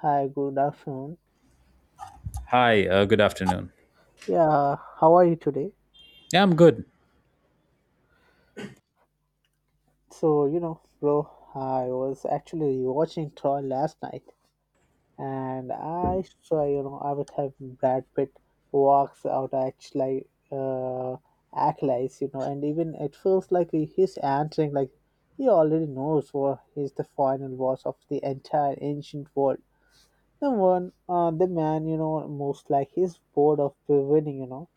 Hi, good afternoon. Hi, good afternoon. Yeah, how are you today? Yeah, I'm good. So, you know, bro, I was actually watching Troy last night and I saw, you know, I would have Brad Pitt walks out actually act like, you know, and even it feels like he's answering like he already knows what is the final boss of the entire ancient world. The one the man, you know, most like he's bored of winning, you know,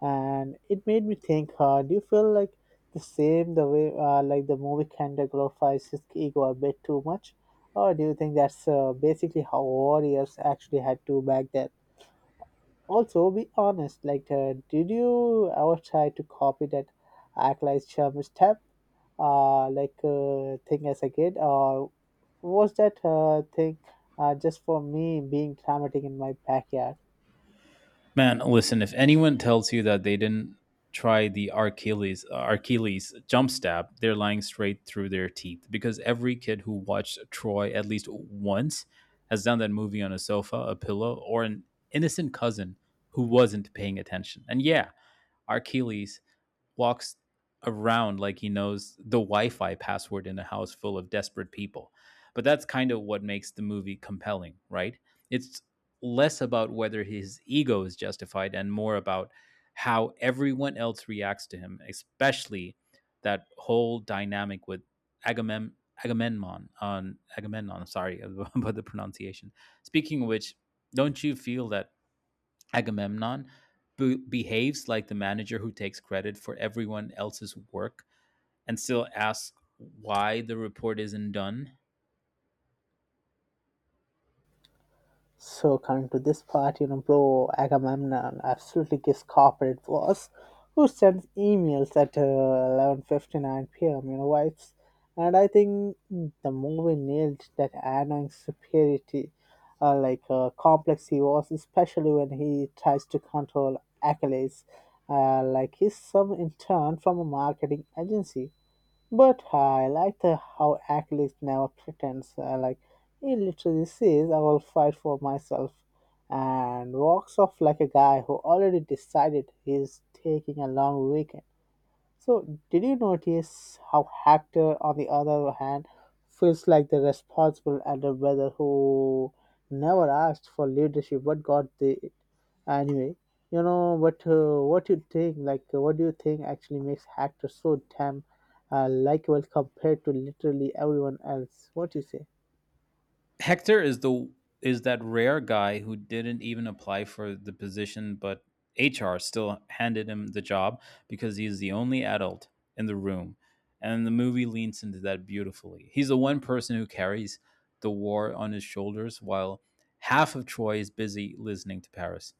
and it made me think do you feel like the same the way like the movie kind of glorifies his ego a bit too much, or do you think that's basically how warriors actually had to back then? Also, be honest, like did you ever try to copy that act like charm step, thing as a kid, or was that thing just for me being dramatic in my backyard? Man, listen, if anyone tells you that they didn't try the Archiles jump stab, they're lying straight through their teeth because every kid who watched Troy at least once has done that movie on a sofa, a pillow, or an innocent cousin who wasn't paying attention. And yeah, Archiles walks around like he knows the Wi-Fi password in a house full of desperate people. But that's kind of what makes the movie compelling, right? It's less about whether his ego is justified and more about how everyone else reacts to him, especially that whole dynamic with Agamem- Agamemnon. On Agamemnon, sorry about the pronunciation. Speaking of which, don't you feel that Agamemnon behaves like the manager who takes credit for everyone else's work and still asks why the report isn't done? So coming to this part, you know, bro, Agamemnon absolutely gives corporate boss who sends emails at 11:59 p.m., you know, wipes. And I think the movie nailed that annoying superiority, complex he was, especially when he tries to control Achilles, like he's some intern from a marketing agency. But I like how Achilles never pretends. Like he literally says, "I will fight for myself," and walks off like a guy who already decided he's taking a long weekend. So, did you notice how Hector, on the other hand, feels like the responsible underbrother who never asked for leadership but got the anyway? You know, but what you think? Like, what do you think actually makes Hector so damn likable compared to literally everyone else? What do you say? Hector is the is that rare guy who didn't even apply for the position but HR still handed him the job because he's the only adult in the room. And the movie leans into that beautifully. He's the one person who carries the war on his shoulders while half of Troy is busy listening to Paris,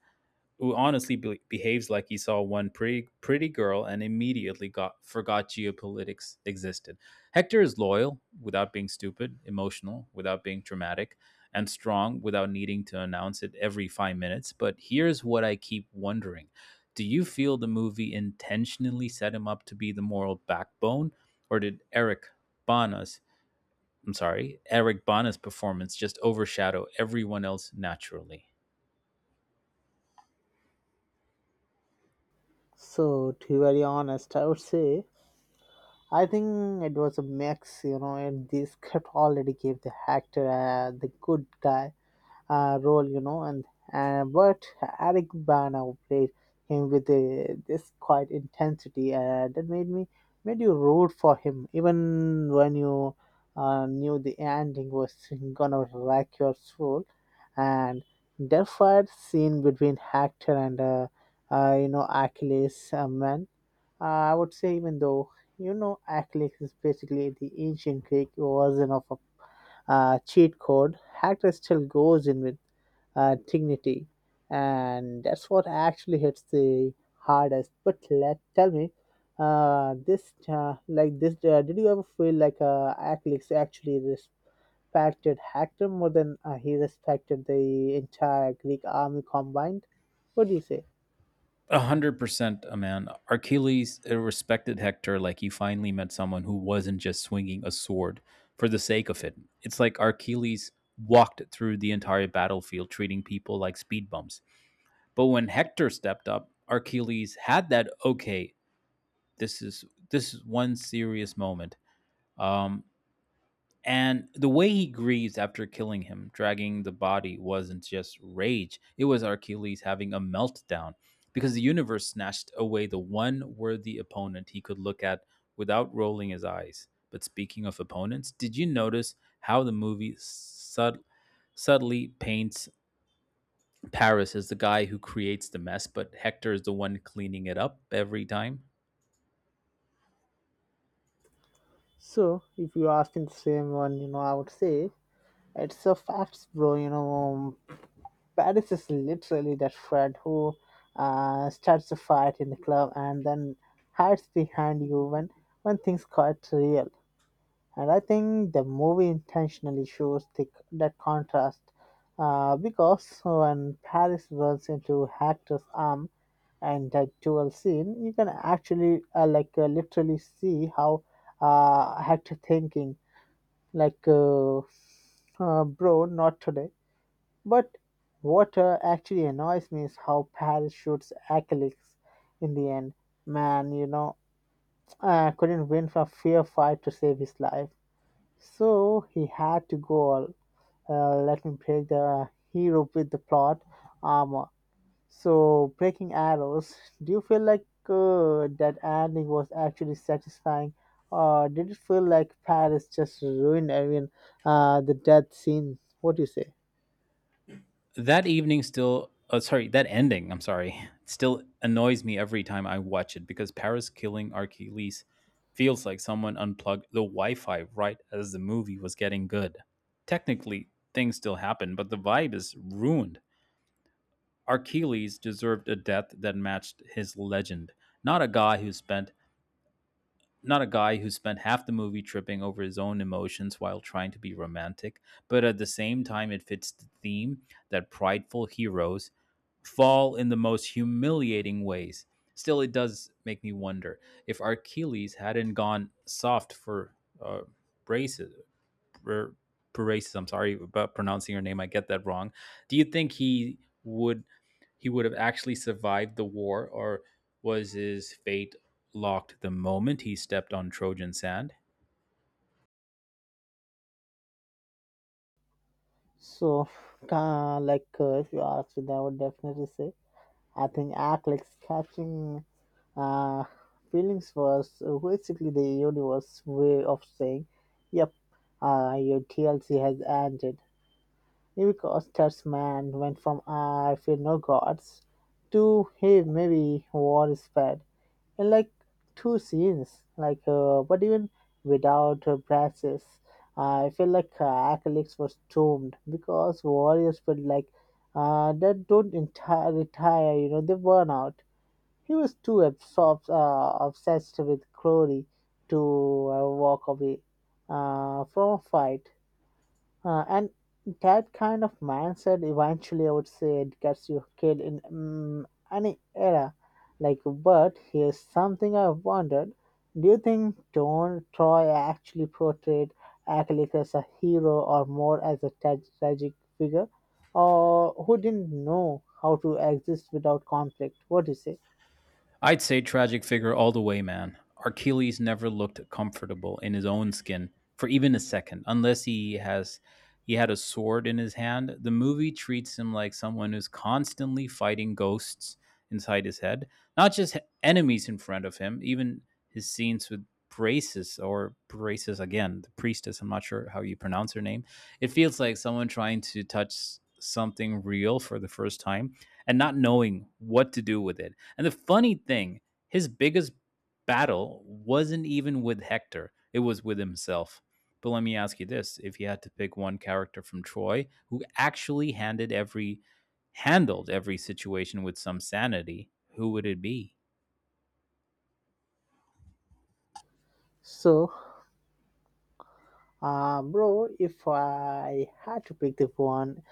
who honestly behaves like he saw one pretty girl and immediately got forgot geopolitics existed. Hector is loyal without being stupid, emotional without being dramatic, and strong without needing to announce it every 5 minutes. But here's what I keep wondering. Do you feel the movie intentionally set him up to be the moral backbone, or did Eric Bana's I'm sorry, Eric Bana's performance just overshadow everyone else naturally? So, to be very honest, I would say I think it was a mix. You know, and the script already gave the actor the good guy role, you know, and but Eric Bana played him with this quite intensity that made me made you root for him even when you knew the ending was gonna wreck your soul. And that fight scene between Hector and, you know, Achilles, man, uh, I would say even though, you know, Achilles is basically the ancient Greek version of a cheat code, hacker still goes in with dignity, and that's what actually hits the hardest. But let tell me, did you ever feel like Aklix actually respected Hector more than he respected the entire Greek army combined? What do you say? 100%, man. Achilles respected Hector like he finally met someone who wasn't just swinging a sword for the sake of it. It's like Achilles walked through the entire battlefield treating people like speed bumps. But when Hector stepped up, Achilles had that okay. This is one serious moment. Um, and the way he grieves after killing him, dragging the body, wasn't just rage. It was Achilles having a meltdown because the universe snatched away the one worthy opponent he could look at without rolling his eyes. But speaking of opponents, did you notice how the movie subtly paints Paris as the guy who creates the mess, but Hector is the one cleaning it up every time? So, if you asking the same one, you know, I would say it's a facts, bro. You know, Paris is literally that friend who starts a fight in the club and then hides behind you when things got real. And I think the movie intentionally shows that contrast, because when Paris runs into Hector's arm and that duel scene, you can actually literally see how Hector thinking like, bro, not today. But what actually annoys me is how Paris shoots Achilles in the end. Man, you know, couldn't win a fair fight to save his life. So he had to go all, let me break the hero with the plot armor. So, breaking arrows, do you feel like that ending was actually satisfying? Or did it feel like Paris just ruined everyone, the death scene? What do you say? That evening still sorry that ending, I'm sorry still annoys me every time I watch it, because Paris killing Achilles feels like someone unplugged the Wi-Fi right as the movie was getting good. Technically things still happen, but the vibe is ruined. Achilles deserved a death that matched his legend, not a guy who spent not a guy who spent half the movie tripping over his own emotions while trying to be romantic. But at the same time, it fits the theme that prideful heroes fall in the most humiliating ways. Still, it does make me wonder, if Achilles hadn't gone soft for uh, Braces. For, Braces, I'm sorry about pronouncing your name. I get that wrong. Do you think would he would have actually survived the war, or was his fate locked the moment he stepped on Trojan sand? So, if you ask me, I would definitely say I think act like catching uh, feelings was basically the universe way of saying, "Yep, your TLC has ended." Because that's man went from "I feel no gods" to "Hey, maybe war is bad," and, like, two scenes, like, but even without braces, I feel like acrylics were stormed because warriors felt like that don't entire retire, you know, they burn out. He was too absorbed, obsessed with glory to walk away from a fight. And that kind of mindset eventually, I would say, it gets your kid in any era. Like, but here's something I've wondered. Do you think Don Troy actually portrayed Achilles as a hero or more as a tragic figure? Or who didn't know how to exist without conflict? What do you say? I'd say tragic figure all the way, man. Achilles never looked comfortable in his own skin for even a second, unless he had a sword in his hand. The movie treats him like someone who's constantly fighting ghosts inside his head, not just enemies in front of him. Even his scenes with Braces, or Braces again, the priestess. I'm not sure how you pronounce her name. It feels like someone trying to touch something real for the first time and not knowing what to do with it. And the funny thing, his biggest battle wasn't even with Hector, it was with himself. But let me ask you this: if you had to pick one character from Troy who actually handed every handled every situation with some sanity, who would it be? So, bro, if I had to pick the one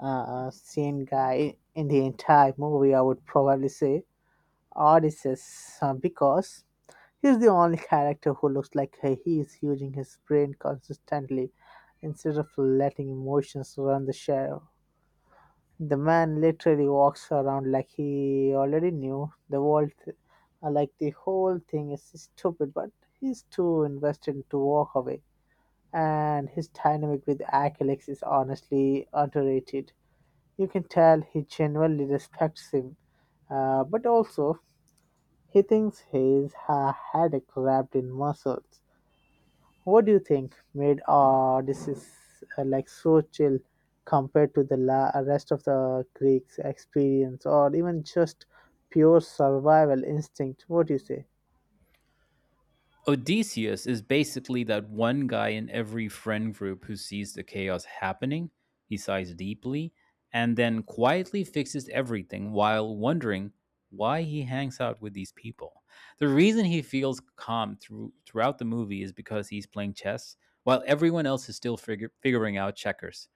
sane guy in the entire movie, I would probably say Odysseus, because he's the only character who looks like he is using his brain consistently instead of letting emotions run the show. The man literally walks around like he already knew the world, like the whole thing is stupid, but he's too invested to walk away. And his dynamic with Achilles is honestly underrated. You can tell he genuinely respects him, but also he thinks he's had a cramped in muscles. What do you think made this is like so chill compared to the rest of the Greeks' experience, or even just pure survival instinct? What do you say? Odysseus is basically that one guy in every friend group who sees the chaos happening, he sighs deeply, and then quietly fixes everything while wondering why he hangs out with these people. The reason he feels calm throughout the movie is because he's playing chess while everyone else is still figuring out checkers.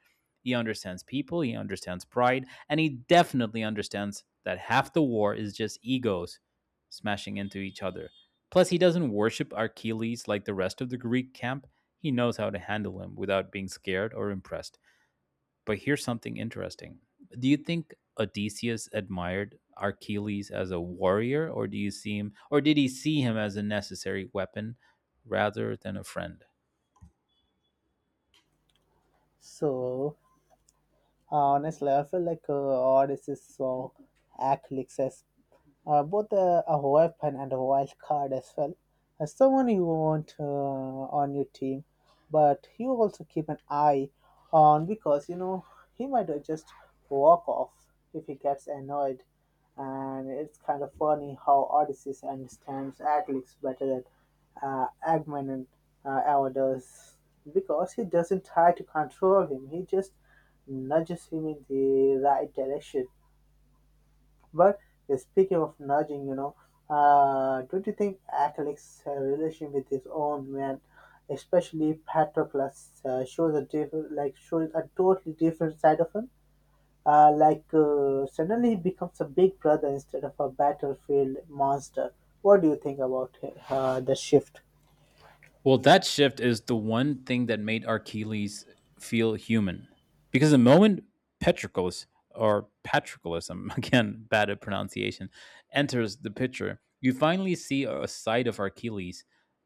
He understands people, he understands pride, and he definitely understands that half the war is just egos smashing into each other. Plus, he doesn't worship Achilles like the rest of the Greek camp. He knows how to handle him without being scared or impressed. But here's something interesting. Do you think Odysseus admired Achilles as a warrior, or do you see him, or did he see him as a necessary weapon rather than a friend? So, honestly, I feel like Odyssey's song Act is both a weapon and a wild card as well. As someone you want on your team, but you also keep an eye on because, you know, he might just walk off if he gets annoyed. And it's kind of funny how Odysseus understands Aglix better than Agman ever does, because he doesn't try to control him. He just nudges him in the right direction. But speaking of nudging, you know, don't you think Atticus' relation with his own man, especially Patroclus, shows a different, like shows a totally different side of him? Suddenly he becomes a big brother instead of a battlefield monster. What do you think about the shift? Well, that shift is the one thing that made Achilles feel human. Because the moment Patroclus, or Patroclus, I'm again bad at pronunciation, enters the picture, you finally see a side of Achilles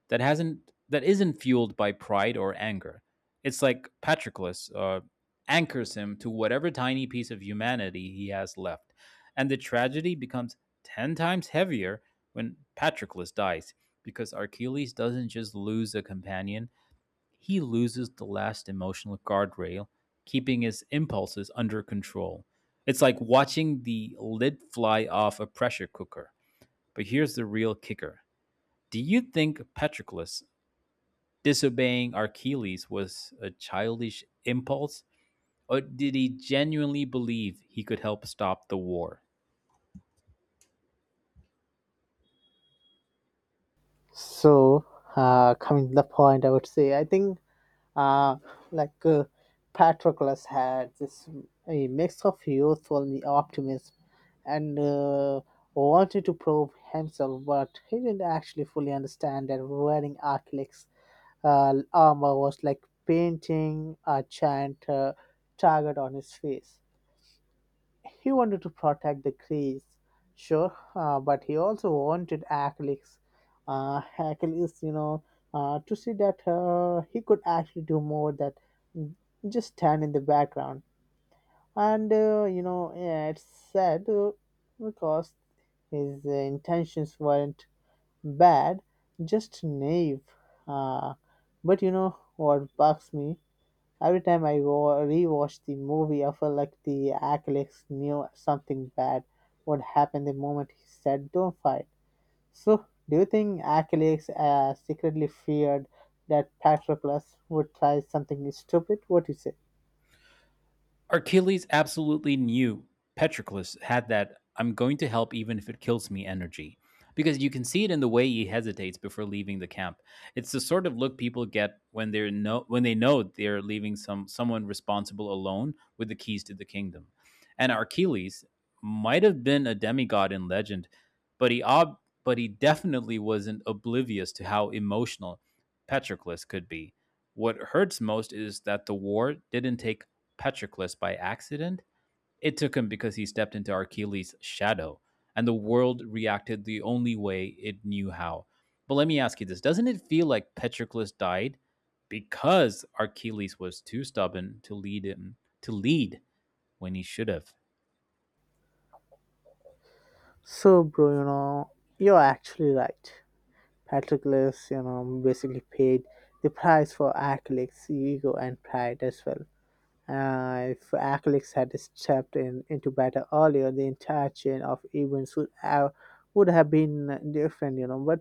that hasn't that isn't fueled by pride or anger. It's like Patroclus anchors him to whatever tiny piece of humanity he has left, and the tragedy becomes ten times heavier when Patroclus dies, because Achilles doesn't just lose a companion, he loses the last emotional guardrail, keeping his impulses under control. It's like watching the lid fly off a pressure cooker. But here's the real kicker. Do you think Patroclus disobeying Achilles was a childish impulse, or did he genuinely believe he could help stop the war? So, coming to the point, I would say I think, Uh, like uh, Patroclus had this a mix of youthful optimism and wanted to prove himself, but he didn't actually fully understand that wearing Achilles' armor was like painting a giant target on his face. He wanted to protect the Greeks, sure, but he also wanted Achilles, you know, to see that he could actually do more than just stand in the background. And You know, yeah, it's sad, because his intentions weren't bad, just naive. Uh, but you know what bugs me? Every time I rewatch the movie, I feel like the Achilles knew something bad would happen the moment he said, "Don't fight." So, do you think Achilles secretly feared that Patroclus would try something stupid? What do you say? Achilles absolutely knew Patroclus had that "I'm going to help even if it kills me" energy. Because you can see it in the way he hesitates before leaving the camp. It's the sort of look people get when they're no when they know they're leaving someone responsible alone with the keys to the kingdom. And Achilles might have been a demigod in legend, but he definitely wasn't oblivious to how emotional Patroclus could be. What hurts most is that the war didn't take Patroclus by accident. It took him because he stepped into Achilles' shadow, and the world reacted the only way it knew how. But let me ask you this: doesn't it feel like Patroclus died because Achilles was too stubborn to lead when he should have? So, bro, you know, you're actually right. Patroclus, you know, basically paid the price for Achilles' ego and pride as well. If Aklix had stepped in into battle earlier, the entire chain of events would have been different, you know. But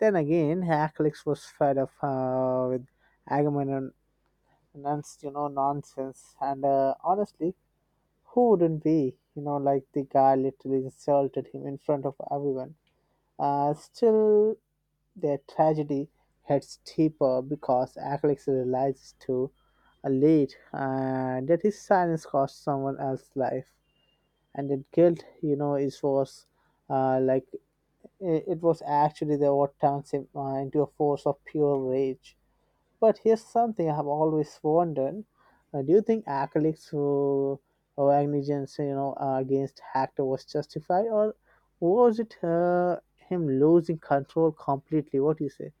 then again, Aklix was fed up with Agamemnon's, you know, nonsense. And Honestly, who wouldn't be? You know, like the guy literally insulted him in front of everyone. Still, their tragedy hits deeper because Alex realizes too late, that his silence cost someone else's life, and that guilt, you know, is was, like it was actually the what turns him into a force of pure rage. But here's something I have always wondered: do you think Acolytes who or negligence, you know, against Hector was justified, or was it him losing control completely? What do you say?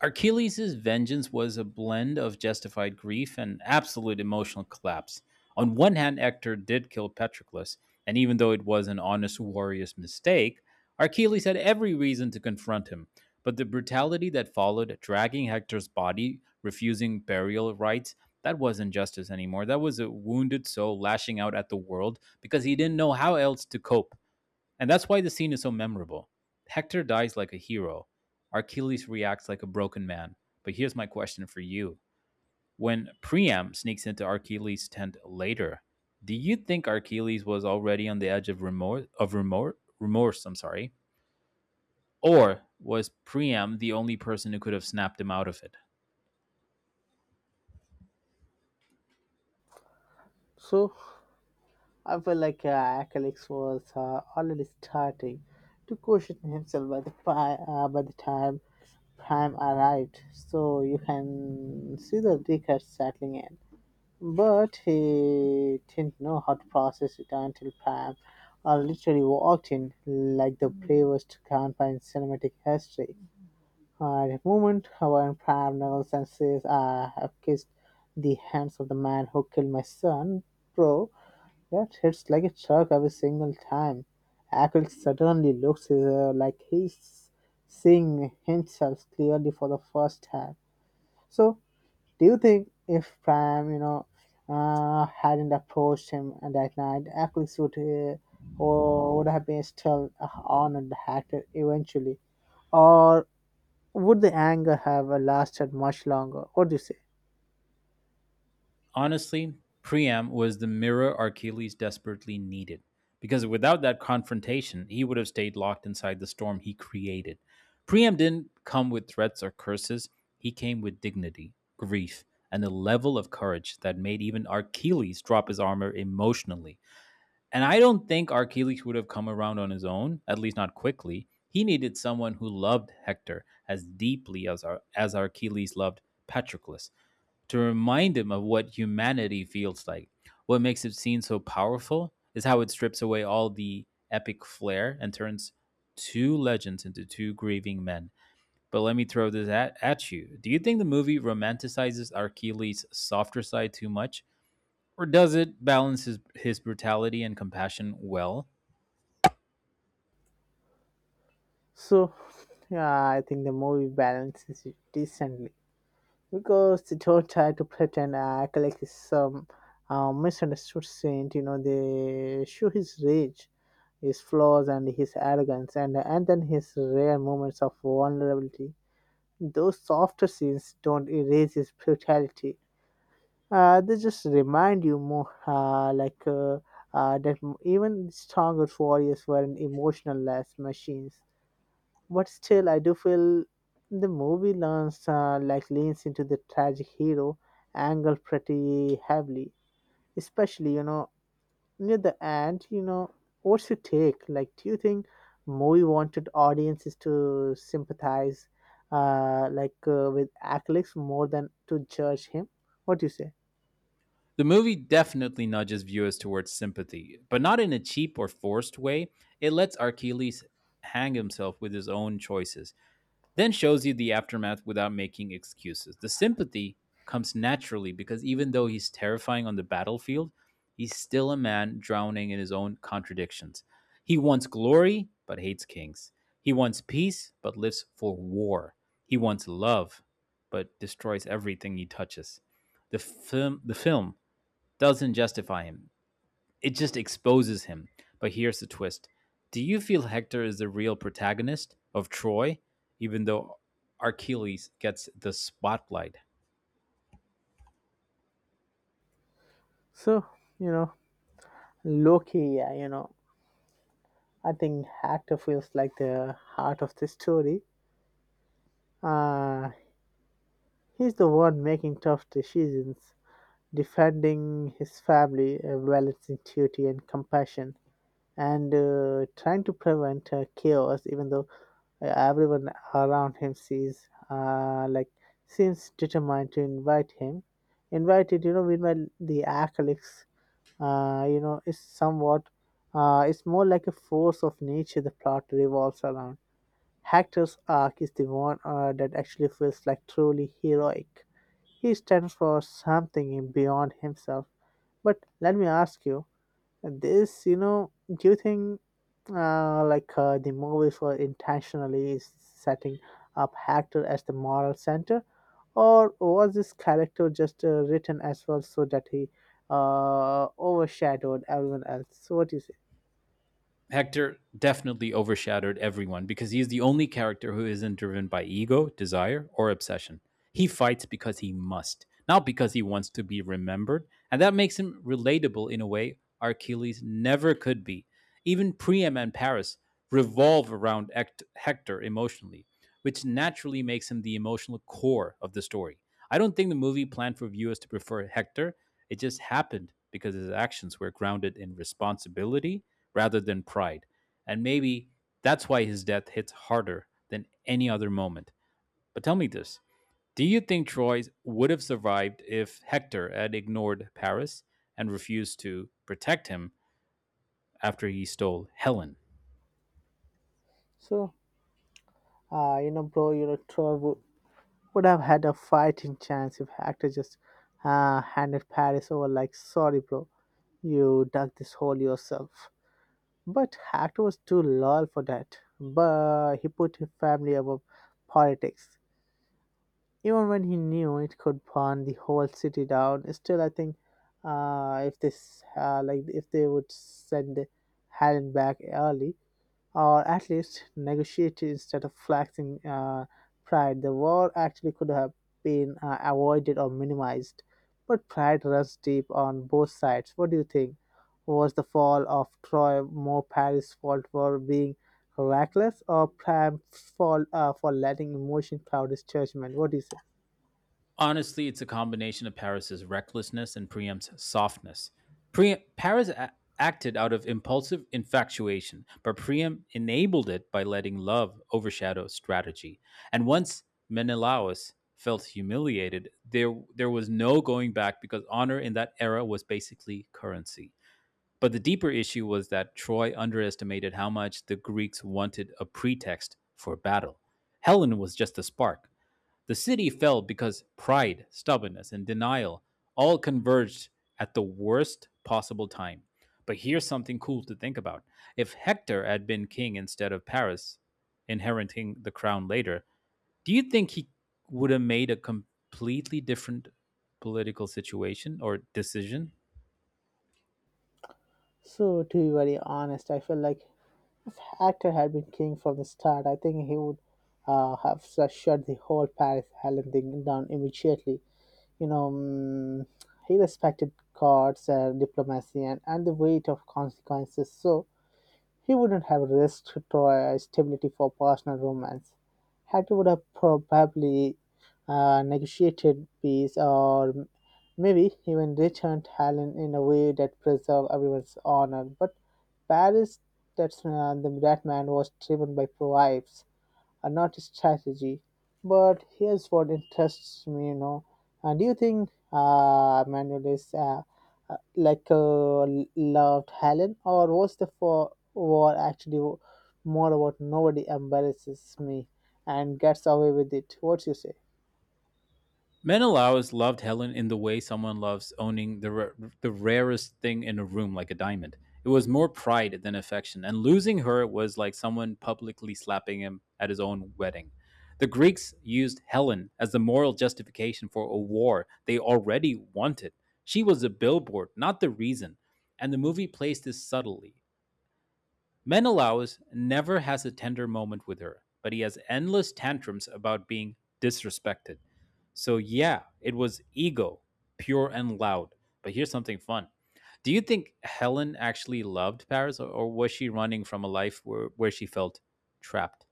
Achilles' vengeance was a blend of justified grief and absolute emotional collapse. On one hand, Hector did kill Patroclus, and even though it was an honest warrior's mistake, Achilles had every reason to confront him. But the brutality that followed, dragging Hector's body, refusing burial rites, that wasn't justice anymore. That was a wounded soul lashing out at the world because he didn't know how else to cope. And that's why the scene is so memorable. Hector dies like a hero. Achilles reacts like a broken man. But here's my question for you. When Priam sneaks into Achilles' tent later, do you think Achilles was already on the edge of remorse, I'm sorry? Or was Priam the only person who could have snapped him out of it? So, I felt like Alex was already starting to question himself by the by the time Prime arrived. So you can see the decade settling in, but he didn't know how to process it until Prime literally walked in like the bravest grandpa in cinematic history. The moment when Prime knuckles and says, "I have kissed the hands of the man who killed my son, bro," that hits like a truck every single time. Ackles suddenly looks like he's seeing himself clearly for the first time. So, do you think if Prime, you know, hadn't approached him that night, Ackles would or would have been still on and hacked it eventually, or would the anger have lasted much longer? What do you say? Honestly, Priam was the mirror Achilles desperately needed. Because without that confrontation, he would have stayed locked inside the storm he created. Priam didn't come with threats or curses, he came with dignity, grief, and a level of courage that made even Achilles drop his armor emotionally. And I don't think Achilles would have come around on his own, at least not quickly. He needed someone who loved Hector as as Achilles loved Patroclus, to remind him of what humanity feels like. What makes it seem so powerful is how it strips away all the epic flair and turns two legends into two grieving men. But let me throw this at you. Do you think the movie romanticizes Achilles' softer side too much? Or does it balance his brutality and compassion well? So, yeah, I think the movie balances it decently, because they don't try to pretend and act like some misunderstood saint. You know, they show his rage, his flaws, and his arrogance, and then his rare moments of vulnerability. Those softer scenes don't erase his brutality. They just remind you more that even stronger warriors weren't emotional as machines. But still, I do feel the movie leans leans into the tragic hero angle pretty heavily, especially near the end. What's your take? Like, do you think movie wanted audiences to sympathize, with Aklix more than to judge him? What do you say? The movie definitely nudges viewers towards sympathy, but not in a cheap or forced way. It lets Achilles hang himself with his own choices, then shows you the aftermath without making excuses. The sympathy comes naturally because even though he's terrifying on the battlefield, he's still a man drowning in his own contradictions. He wants glory but hates kings. He wants peace but lives for war. He wants love but destroys everything he touches. The film doesn't justify him, it just exposes him. But here's the twist. Do you feel Hector is the real protagonist of Troy, even though Achilles gets the spotlight? So you know, Loki. Yeah, I think actor feels like the heart of the story. Uh, He's the one making tough decisions, defending his family, balancing duty and compassion, and trying to prevent chaos. Even though everyone around him sees, seems determined to invite him, invited. Meanwhile the acolytes, is somewhat. It's more like a force of nature. The plot revolves around. Hector's arc is the one that actually feels like truly heroic. He stands for something beyond himself. But let me ask you this, do you think the movies were intentionally setting up Hector as the moral center? Or was this character just written as well so that he overshadowed everyone else? So what do you say? Hector definitely overshadowed everyone because he's the only character who isn't driven by ego, desire, or obsession. He fights because he must, not because he wants to be remembered, and that makes him relatable in a way Achilles never could be. Even Priam and Paris revolve around Hector emotionally, which naturally makes him the emotional core of the story. I don't think the movie planned for viewers to prefer Hector. It just happened because his actions were grounded in responsibility rather than pride. And maybe that's why his death hits harder than any other moment. But tell me this, do you think Troy would have survived if Hector had ignored Paris and refused to protect him after he stole Helen? So, bro, Troy would have had a fighting chance if Hector just handed Paris over like, sorry, bro, you dug this hole yourself. But Hackett was too loyal for that. But he put his family above politics. Even when he knew it could burn the whole city down, still I think if this like if they would send Helen back early, or at least negotiated instead of flexing pride. The war actually could have been avoided or minimized, but pride runs deep on both sides. What do you think? Was the fall of Troy more Paris' fault for being reckless or Priam's fault for letting emotion cloud his judgment? What do you say? Honestly, it's a combination of Paris's recklessness and Priam's softness. Priam, acted out of impulsive infatuation, but Priam enabled it by letting love overshadow strategy. And once Menelaus felt humiliated, there was no going back because honor in that era was basically currency. But the deeper issue was that Troy underestimated how much the Greeks wanted a pretext for battle. Helen was just a spark. The city fell because pride, stubbornness, and denial all converged at the worst possible time. But here's something cool to think about. If Hector had been king instead of Paris, inheriting the crown later, do you think he would have made a completely different political situation or decision? So, to be very honest, I feel like if actor had been king from the start, I think he would shut the whole Paris Helen thing down immediately. you know, mm, he respected gods and diplomacy and the weight of consequences, so he wouldn't have risked to, stability for personal romance. Hattie would have probably negotiated peace or maybe even returned Helen in a way that preserved everyone's honor. But Paris, that man was driven by pride and not strategy. But here's what interests me, And do you think Manuel is uh, like uh, loved Helen, or was the for war actually more about nobody embarrasses me and gets away with it? What you say? Menelaus loved Helen in the way someone loves owning the rarest thing in a room, like a diamond. It was more pride than affection, and losing her was like someone publicly slapping him at his own wedding. The Greeks used Helen as the moral justification for a war they already wanted. She was a billboard, not the reason, and the movie plays this subtly. Menelaus never has a tender moment with her, but he has endless tantrums about being disrespected. So yeah, it was ego, pure and loud. But here's something fun. Do you think Helen actually loved Paris, or was she running from a life where she felt trapped?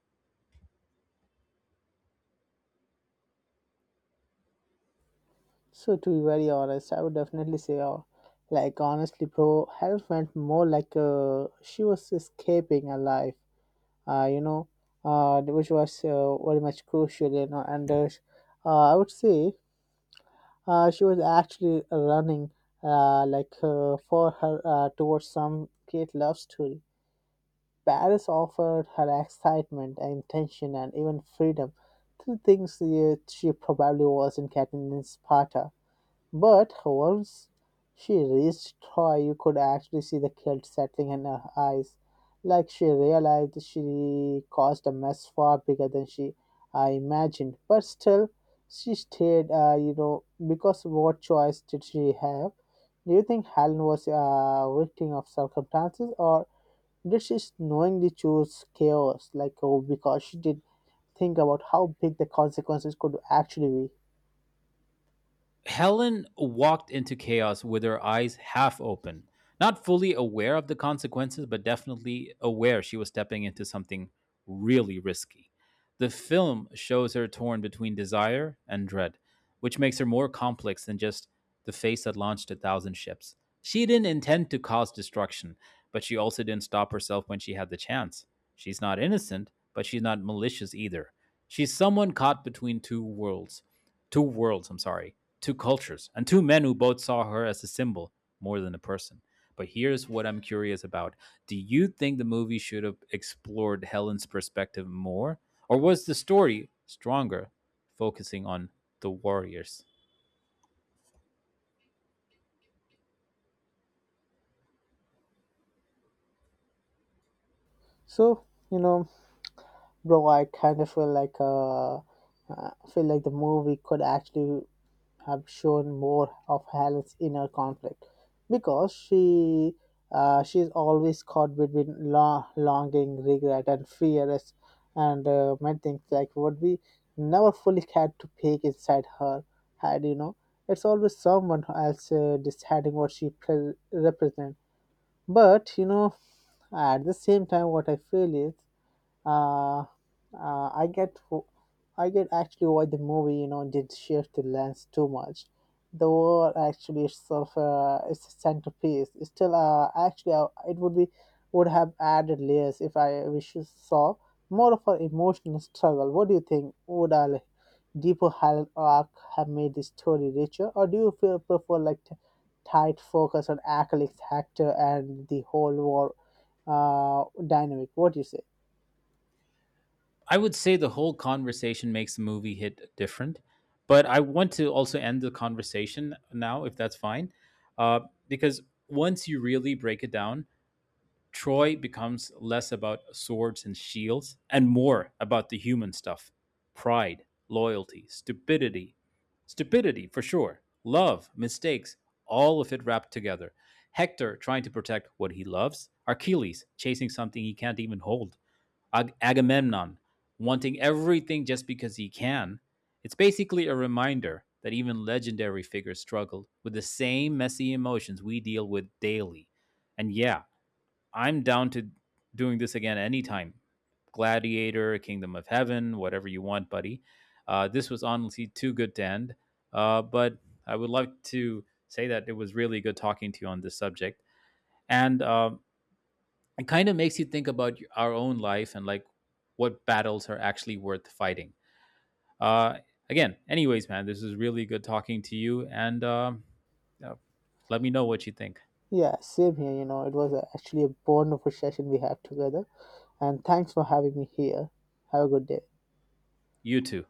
So to be very honest, I would definitely say, oh, like honestly, bro, Helen felt more like she was escaping a life uh, you know, which was very much crucial, you know. And I would say she was actually running for her towards some great love story. Paris offered her excitement and tension and even freedom, two things she probably wasn't getting in Sparta. But once she reached Troy, you could actually see the guilt settling in her eyes, like she realized she caused a mess far bigger than she I imagined. But still, she stayed. Because what choice did she have? Do you think Helen was a victim of circumstances, or did she knowingly choose chaos, like oh, because she did think about how big the consequences could actually be? Helen walked into chaos with her eyes half open, not fully aware of the consequences, but definitely aware she was stepping into something really risky. The film shows her torn between desire and dread, which makes her more complex than just the face that launched a thousand ships. She didn't intend to cause destruction, but she also didn't stop herself when she had the chance. She's not innocent, but she's not malicious either. She's someone caught between two worlds, I'm sorry, two cultures, and two men who both saw her as a symbol more than a person. But here's what I'm curious about. Do you think the movie should have explored Helen's perspective more? Or was the story stronger, focusing on the warriors? So you know bro, I kind of feel like the movie could actually have shown more of Helen's inner conflict because she's always caught between longing, regret, and fear, and many things like what we never fully had to peek inside her head. It's always someone else deciding what she represents. But at the same time, what I feel is uh, uh, I get wh- I get actually why the movie did shift the lens too much. The war actually itself is a centerpiece. It's still actually it would be would have added layers if I wish you saw more of an emotional struggle. What do you think? Would a like, deeper arc have made the story richer, or do you feel prefer like tight focus on Akalix Hector and the whole war dynamic? What do you say? I would say the whole conversation makes the movie hit different. But I want to also end the conversation now, if that's fine. Uh, because once you really break it down, Troy becomes less about swords and shields and more about the human stuff: pride, loyalty, stupidity, stupidity for sure, love, mistakes, all of it wrapped together. Hector trying to protect what he loves, Achilles chasing something he can't even hold, Agamemnon wanting everything just because he can. It's basically a reminder that even legendary figures struggle with the same messy emotions we deal with daily. And yeah, I'm down to doing this again anytime. Gladiator, Kingdom of Heaven, whatever you want, buddy. This was honestly too good to end. But I would like to say that it was really good talking to you on this subject. And it kind of makes you think about our own life and like what battles are actually worth fighting. Uh, Again, anyways, man, this is really good talking to you. And uh, let me know what you think. Yeah, same here. You know, it was actually a bond of a session we had together. And thanks for having me here. Have a good day. You too.